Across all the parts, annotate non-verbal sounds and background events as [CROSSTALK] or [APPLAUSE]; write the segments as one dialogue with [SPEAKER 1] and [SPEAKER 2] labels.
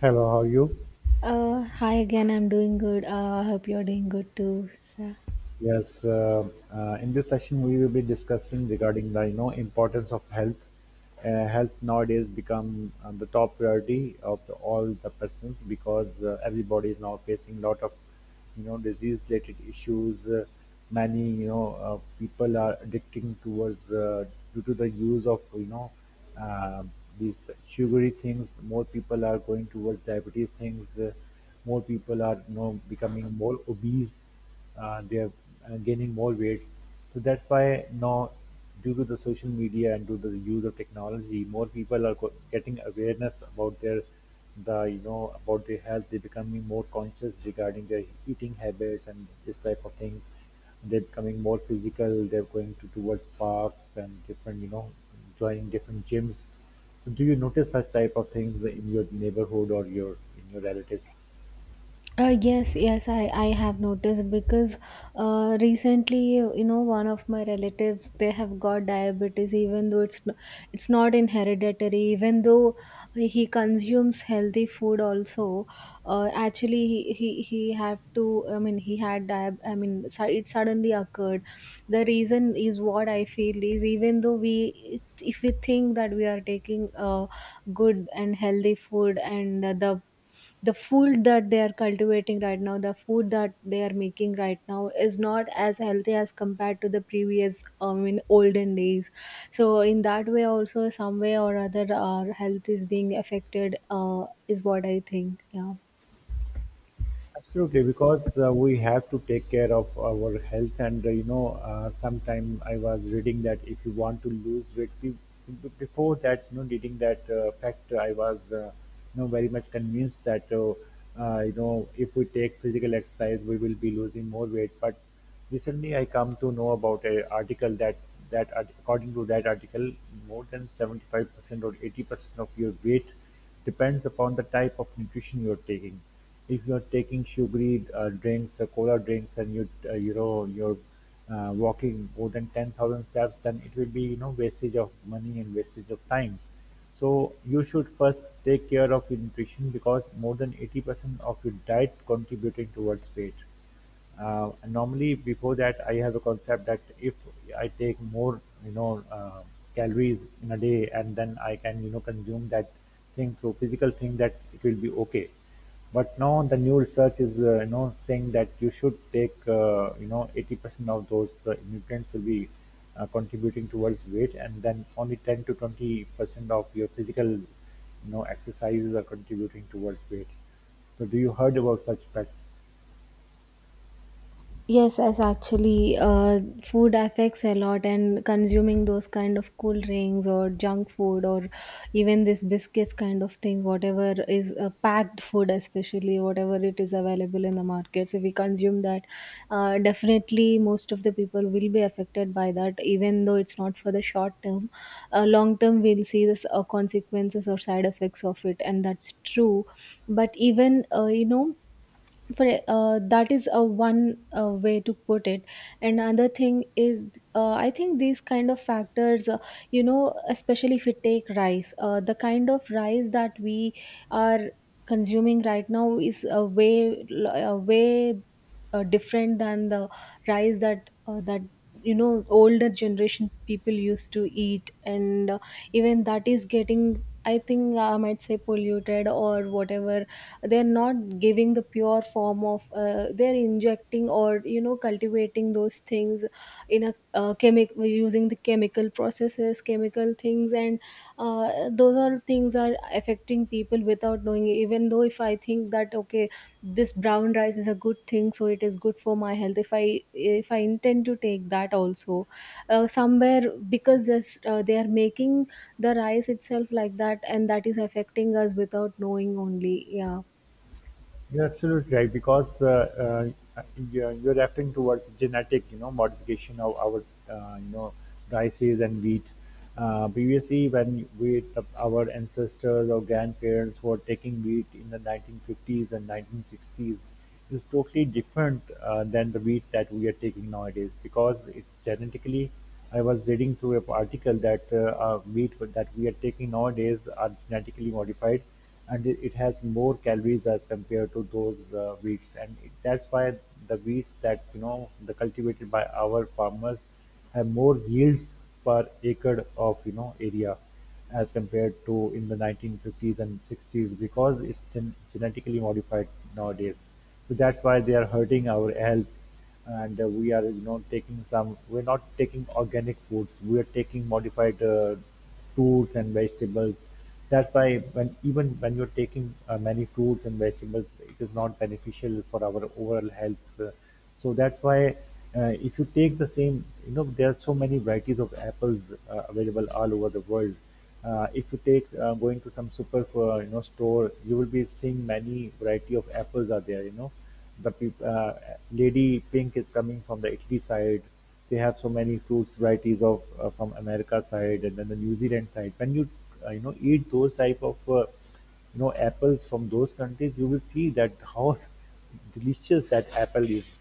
[SPEAKER 1] Hello, how are you?
[SPEAKER 2] Hi again. I'm doing good. I hope you're doing good too, sir.
[SPEAKER 1] Yes, in this session we will be discussing regarding the importance of health. Health nowadays become the top priority of all the persons because everybody is now facing a lot of disease related issues. Many people are addicting towards due to the use of uh, these sugary things. More people are going towards diabetes things. More people are becoming more obese, they are gaining more weights. So that's why now, due to the social media and to the use of technology, more people are getting awareness about their the you know about their health. They're becoming more conscious regarding their eating habits and this type of thing. They're becoming more physical. They're going to towards parks and different, joining different gyms. So do you notice such type of things in your neighborhood or your, in your relatives?
[SPEAKER 2] Yes, yes, I have noticed because recently, you know, one of my relatives, they have got diabetes, even though it's not inheritary, even though he consumes healthy food also. Actually he have to, I mean, he had I mean it suddenly occurred. The reason is, what I feel is, even though we if we think that we are taking good and healthy food, and the food that they are cultivating right now, the food that they are making right now is not as healthy as compared to the previous, in olden days. So in that way also, some way or other, our health is being affected, is what I think, yeah.
[SPEAKER 1] Absolutely, because we have to take care of our health, and sometime I was reading that if you want to lose weight, before that, you know, reading that fact, I was very much convinced that, if we take physical exercise, we will be losing more weight. But recently, I come to know about a article that according to that article, more than 75% or 80% of your weight depends upon the type of nutrition you're taking. If you're taking sugary drinks, cola drinks, and you're walking more than 10,000 steps, then it will be wastage of money and wastage of time. So you should first take care of your nutrition because more than 80% of your diet contributing towards weight. Normally, before that, I have a concept that if I take more, calories in a day, and then I can, consume that thing through physical thing, that it will be okay. But now the new research is, saying that you should take, 80% of those nutrients will be contributing towards weight, and then only 10 to 20% of your physical, exercises are contributing towards weight. So, do you heard about such facts?
[SPEAKER 2] Yes, as actually, food affects a lot, and consuming those kind of cool drinks or junk food or even this biscuits kind of thing, whatever is packed food, especially whatever it is available in the markets, if we consume that, definitely most of the people will be affected by that, even though it's not for the short term. Long term, we'll see this consequences or side effects of it, and that's true. But even, you know, for that is a one way to put it. Another thing is, I think these kind of factors, you know, especially if we take rice, the kind of rice that we are consuming right now is a way different than the rice that you know older generation people used to eat, and even that is getting, I think I might say, polluted or whatever. They're not giving the pure form of they're injecting or you know cultivating those things in a chemic using the chemical processes, chemical things, and those all things are affecting people without knowing. Even though if I think that okay, this brown rice is a good thing, so it is good for my health, if I intend to take that also, somewhere, because this, they are making the rice itself like that, and that is affecting us without knowing only, yeah.
[SPEAKER 1] You're absolutely right because uh, you're referring towards genetic, modification of our, uh, you know, rices and wheat. Previously, when we, our ancestors or grandparents were taking wheat in the 1950s and 1960s, is totally different than the wheat that we are taking nowadays because it's genetically. I was reading through an article that wheat that we are taking nowadays are genetically modified, and it has more calories as compared to those wheats, and that's why the wheats that the cultivated by our farmers have more yields per acre of area as compared to in the 1950s and 60s because it's genetically modified nowadays. So that's why they are hurting our health, and we are taking some. We're not taking organic foods. We are taking modified fruits and vegetables. That's why when even when you're taking many fruits and vegetables, it is not beneficial for our overall health. So that's why, if you take the same, you know, there are so many varieties of apples available all over the world. If you take going to some super, store, you will be seeing many variety of apples are there. You know, the peop lady pink is coming from the Italy side. They have so many fruits varieties of from America side and then the New Zealand side. When you you know eat those type of apples from those countries, you will see that how [LAUGHS] delicious that apple is.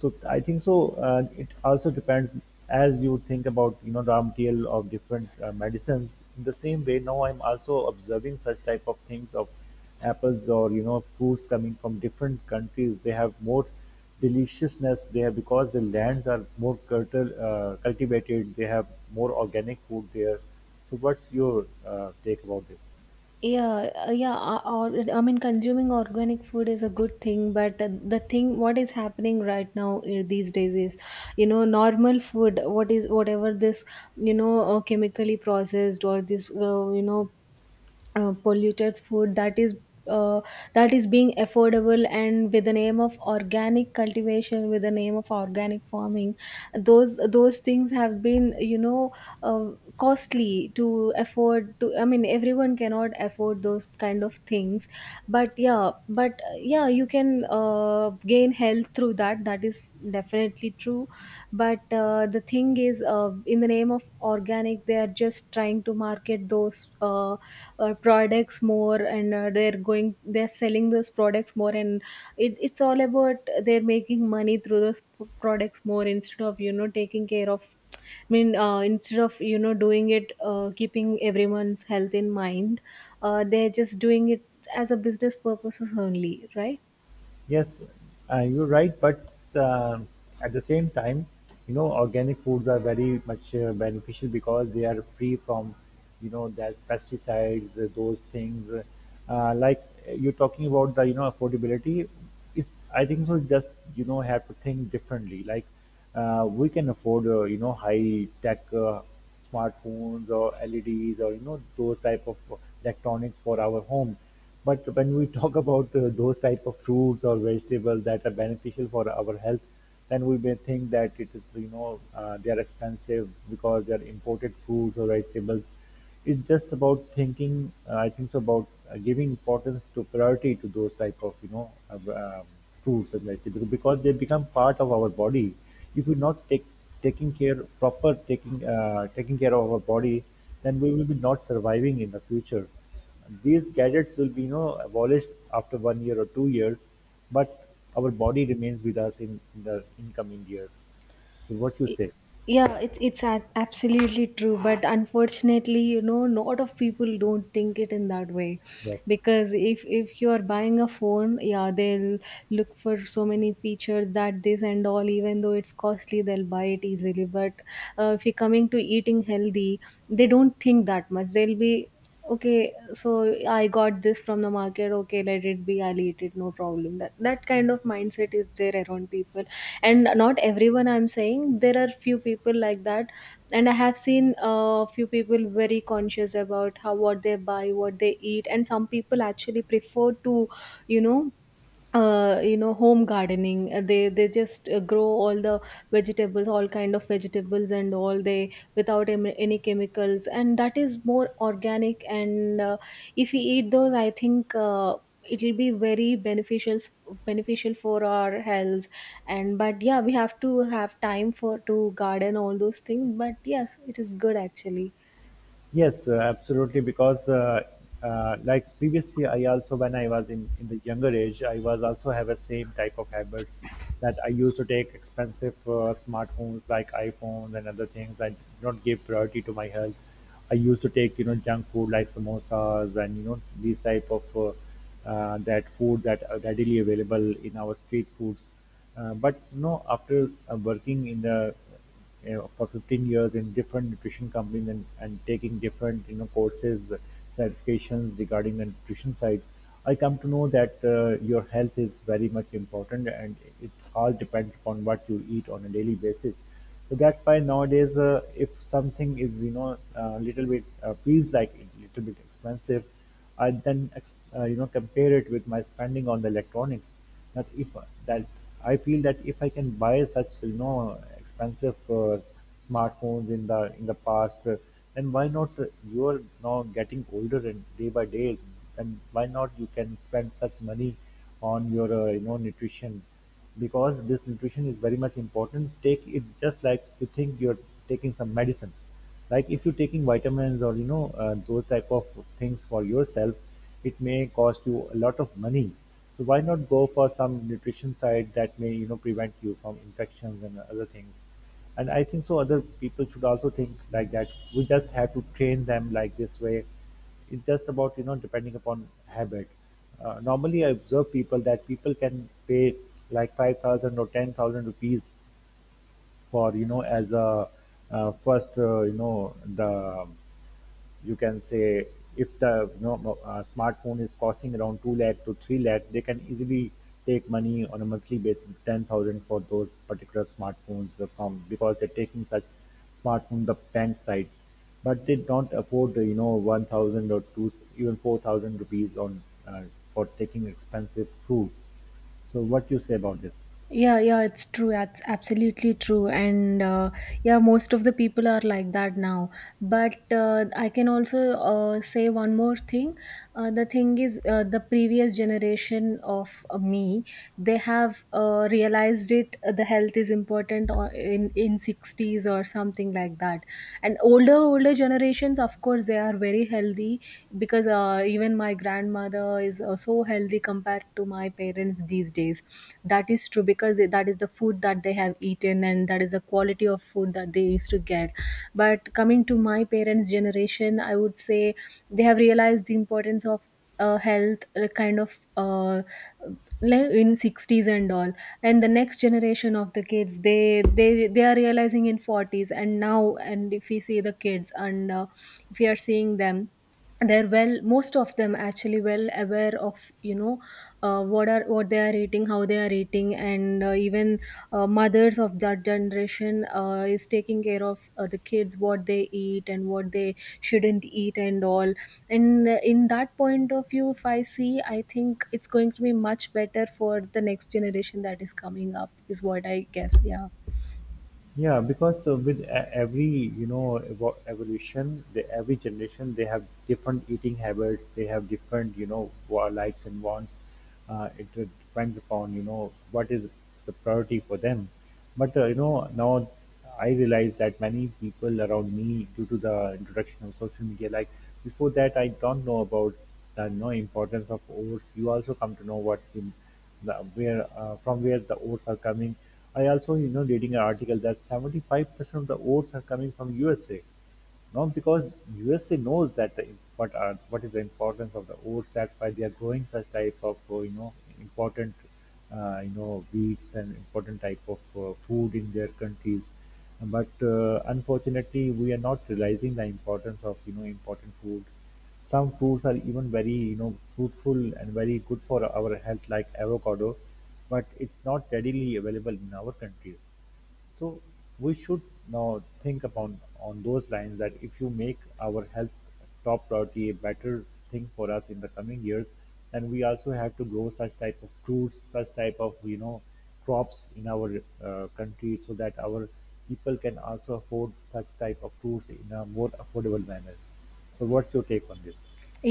[SPEAKER 1] So I think so. It also depends as you think about raw material of different medicines. In the same way, now I'm also observing such type of things of apples or fruits coming from different countries. They have more deliciousness there because the lands are more cultivated. They have more organic food there. So what's your take about this?
[SPEAKER 2] Yeah, yeah, or I mean consuming organic food is a good thing, but the thing what is happening right now, these days is, you know, normal food, what is, whatever this, you know, chemically processed, or this, you know, polluted food that is, uh, that is being affordable. And with the name of organic cultivation, with the name of organic farming, those things have been, you know, uh, costly to afford to, I mean everyone cannot afford those kind of things. But yeah, but yeah, you can gain health through that. That is definitely true. But the thing is, in the name of organic they are just trying to market those products more, and they're selling those products more, and it's all about they're making money through those products more, instead of, you know, taking care of, I mean, instead of, you know, doing it, keeping everyone's health in mind. They're just doing it as a business purposes only, right.
[SPEAKER 1] Yes, you're right, but um, at the same time, you know, organic foods are very much beneficial because they are free from, you know, there's pesticides, those things. You're talking about the, you know, affordability, it's, I think so. Just, you know, have to think differently. We can afford, high tech smartphones or LEDs or those type of electronics for our home. But when we [LAUGHS] talk about those type of fruits or vegetables that are beneficial for our health, then we may think that it is they are expensive because they are imported foods or vegetables. It's just about thinking, I think so, about giving importance to priority to those type of, foods and like because they become part of our body. If we not take taking care proper taking taking care of our body, then we will be not surviving in the future. These gadgets will be, abolished after 1 year or 2 years, but our body remains with us in the incoming years. So what you say?
[SPEAKER 2] Yeah, it's absolutely true, but unfortunately, you know, a lot of people don't think it in that way.
[SPEAKER 1] Yes.
[SPEAKER 2] Because if you're buying a phone, yeah, they'll look for so many features, that this and all, even though it's costly, they'll buy it easily. But if you're coming to eating healthy, they don't think that much. They'll be, okay, so I got this from the market, okay, let it be, I'll eat it, no problem. That kind of mindset is there around people, and not everyone, I'm saying there are few people like that. And I have seen a few people very conscious about how, what they buy, what they eat. And some people actually prefer to, you know you know, home gardening. They just grow all the vegetables, all kind of vegetables and all they, without any chemicals, and that is more organic. And if we eat those, I think, it will be very beneficial for our health. And but yeah, we have to have time for to garden all those things, but yes, it is good actually.
[SPEAKER 1] Yes, absolutely. Because like previously, I also when I was in the younger age, I was also have a same type of habits that I used to take expensive smartphones like iPhones and other things. I did not give priority to my health. I used to take junk food like samosas and these type of that food that are readily available in our street foods. But no, after working in for 15 years in different nutrition companies and taking different courses, certifications regarding the nutrition side, I come to know that your health is very much important and it all depends upon what you eat on a daily basis. So that's why nowadays, if something is a little bit, feels like a little bit expensive, I then compare it with my spending on the electronics. That if that I feel that if I can buy such expensive smartphones in the past, then why not, you are now getting older and day by day, then why not you can spend such money on your nutrition because this nutrition is very much important. Take it just like you think you're taking some medicine, like if you're taking vitamins or those type of things for yourself, it may cost you a lot of money. So why not go for some nutrition side that may prevent you from infections and other things? And I think so other people should also think like that. We just have to train them like this way. It's just about, depending upon habit. Normally I observe people that people can pay like 5000 or 10,000 rupees for, as a first, you can say, if the smartphone is costing around 2 lakh to 3 lakh, they can easily take money on a monthly basis 10,000 for those particular smartphones from because they're taking such smartphone the bank side, but they don't afford 1,000 or 2, even 4,000 rupees on for taking expensive fruits. So what you say about this?
[SPEAKER 2] Yeah, yeah, it's true. That's absolutely true. And yeah, most of the people are like that now. But I can also say one more thing. The thing is, the previous generation of me, they have realized it. The health is important, or in 60s or something like that. And older generations, of course, they are very healthy, because even my grandmother is so healthy compared to my parents these days. That is true, because that is the food that they have eaten, and that is the quality of food that they used to get. But coming to my parents generation, I would say, they have realized the importance of health, kind of, like in 60s and all. And the next generation of the kids, they are realizing in 40s and now. And if we see the kids, and if we are seeing them, they're, well, most of them actually well aware of, you know, what are what they are eating, how they are eating. And even mothers of that generation is taking care of the kids, what they eat and what they shouldn't eat and all. And in that point of view, if I see, I think it's going to be much better for the next generation that is coming up, is what I guess, yeah.
[SPEAKER 1] Yeah, because with every evolution, the every generation they have different eating habits. They have different likes and wants. It depends upon what is the priority for them. But now I realize that many people around me, due to the introduction of social media, like before that I don't know about the importance of oats. You also come to know what's where, from where the oats are coming. I also, reading an article that 75% of the oats are coming from USA. Now, because USA knows that what are what is the importance of the oats, that's why they are growing such type of important wheats and important type of food in their countries. But unfortunately, we are not realizing the importance of important food. Some foods are even very, fruitful and very good for our health, like avocado, but it's not readily available in our countries. So we should now think about on those lines that if you make our health top priority a better thing for us in the coming years, then we also have to grow such type of fruits, such type of crops in our country so that our people can also afford such type of fruits in a more affordable manner. So what's your take on this?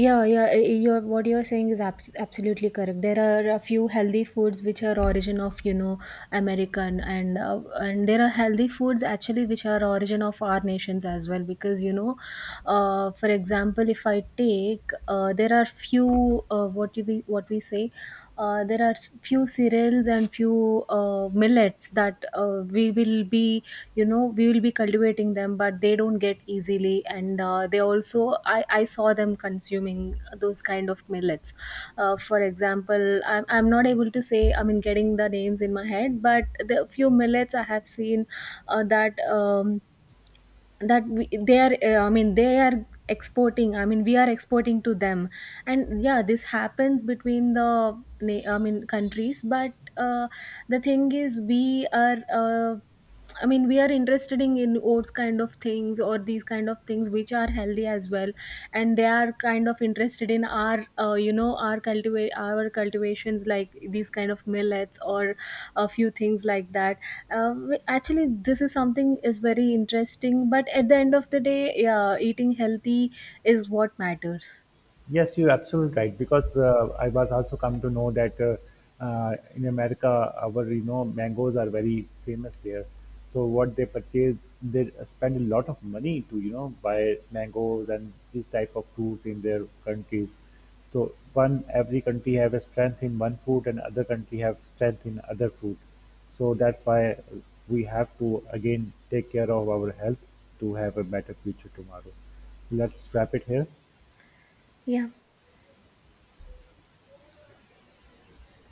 [SPEAKER 2] Yeah, yeah, you're, what you're saying is absolutely correct. There are a few healthy foods which are origin of, you know, American, and and there are healthy foods actually which are origin of our nations as well, because, you know, for example, if I take there are few, what you be, what we say, there are few cereals and few millets, that we will be cultivating them, but they don't get easily. And they also, I saw them consuming those kind of millets. For example, I'm not able to say, I mean, getting the names in my head, but the few millets I have seen, that, that we, they are, I mean they are exporting, I mean we are exporting to them. And yeah, this happens between the I mean countries. But the thing is, we are I mean, we are interested in, oats kind of things or these kind of things which are healthy as well, and they are kind of interested in our, you know, our cultivations, like these kind of millets or a few things like that. Actually, this is something is very interesting, but at the end of the day, yeah, eating healthy is what matters.
[SPEAKER 1] Yes, you're absolutely right because I was also come to know that in America, our mangoes are very famous there. So what they purchase, they spend a lot of money to buy mangoes and this type of fruits in their countries. So one every country have a strength in one fruit and other country have strength in other fruit. So that's why we have to again take care of our health to have a better future tomorrow. Let's wrap it here.
[SPEAKER 2] Yeah.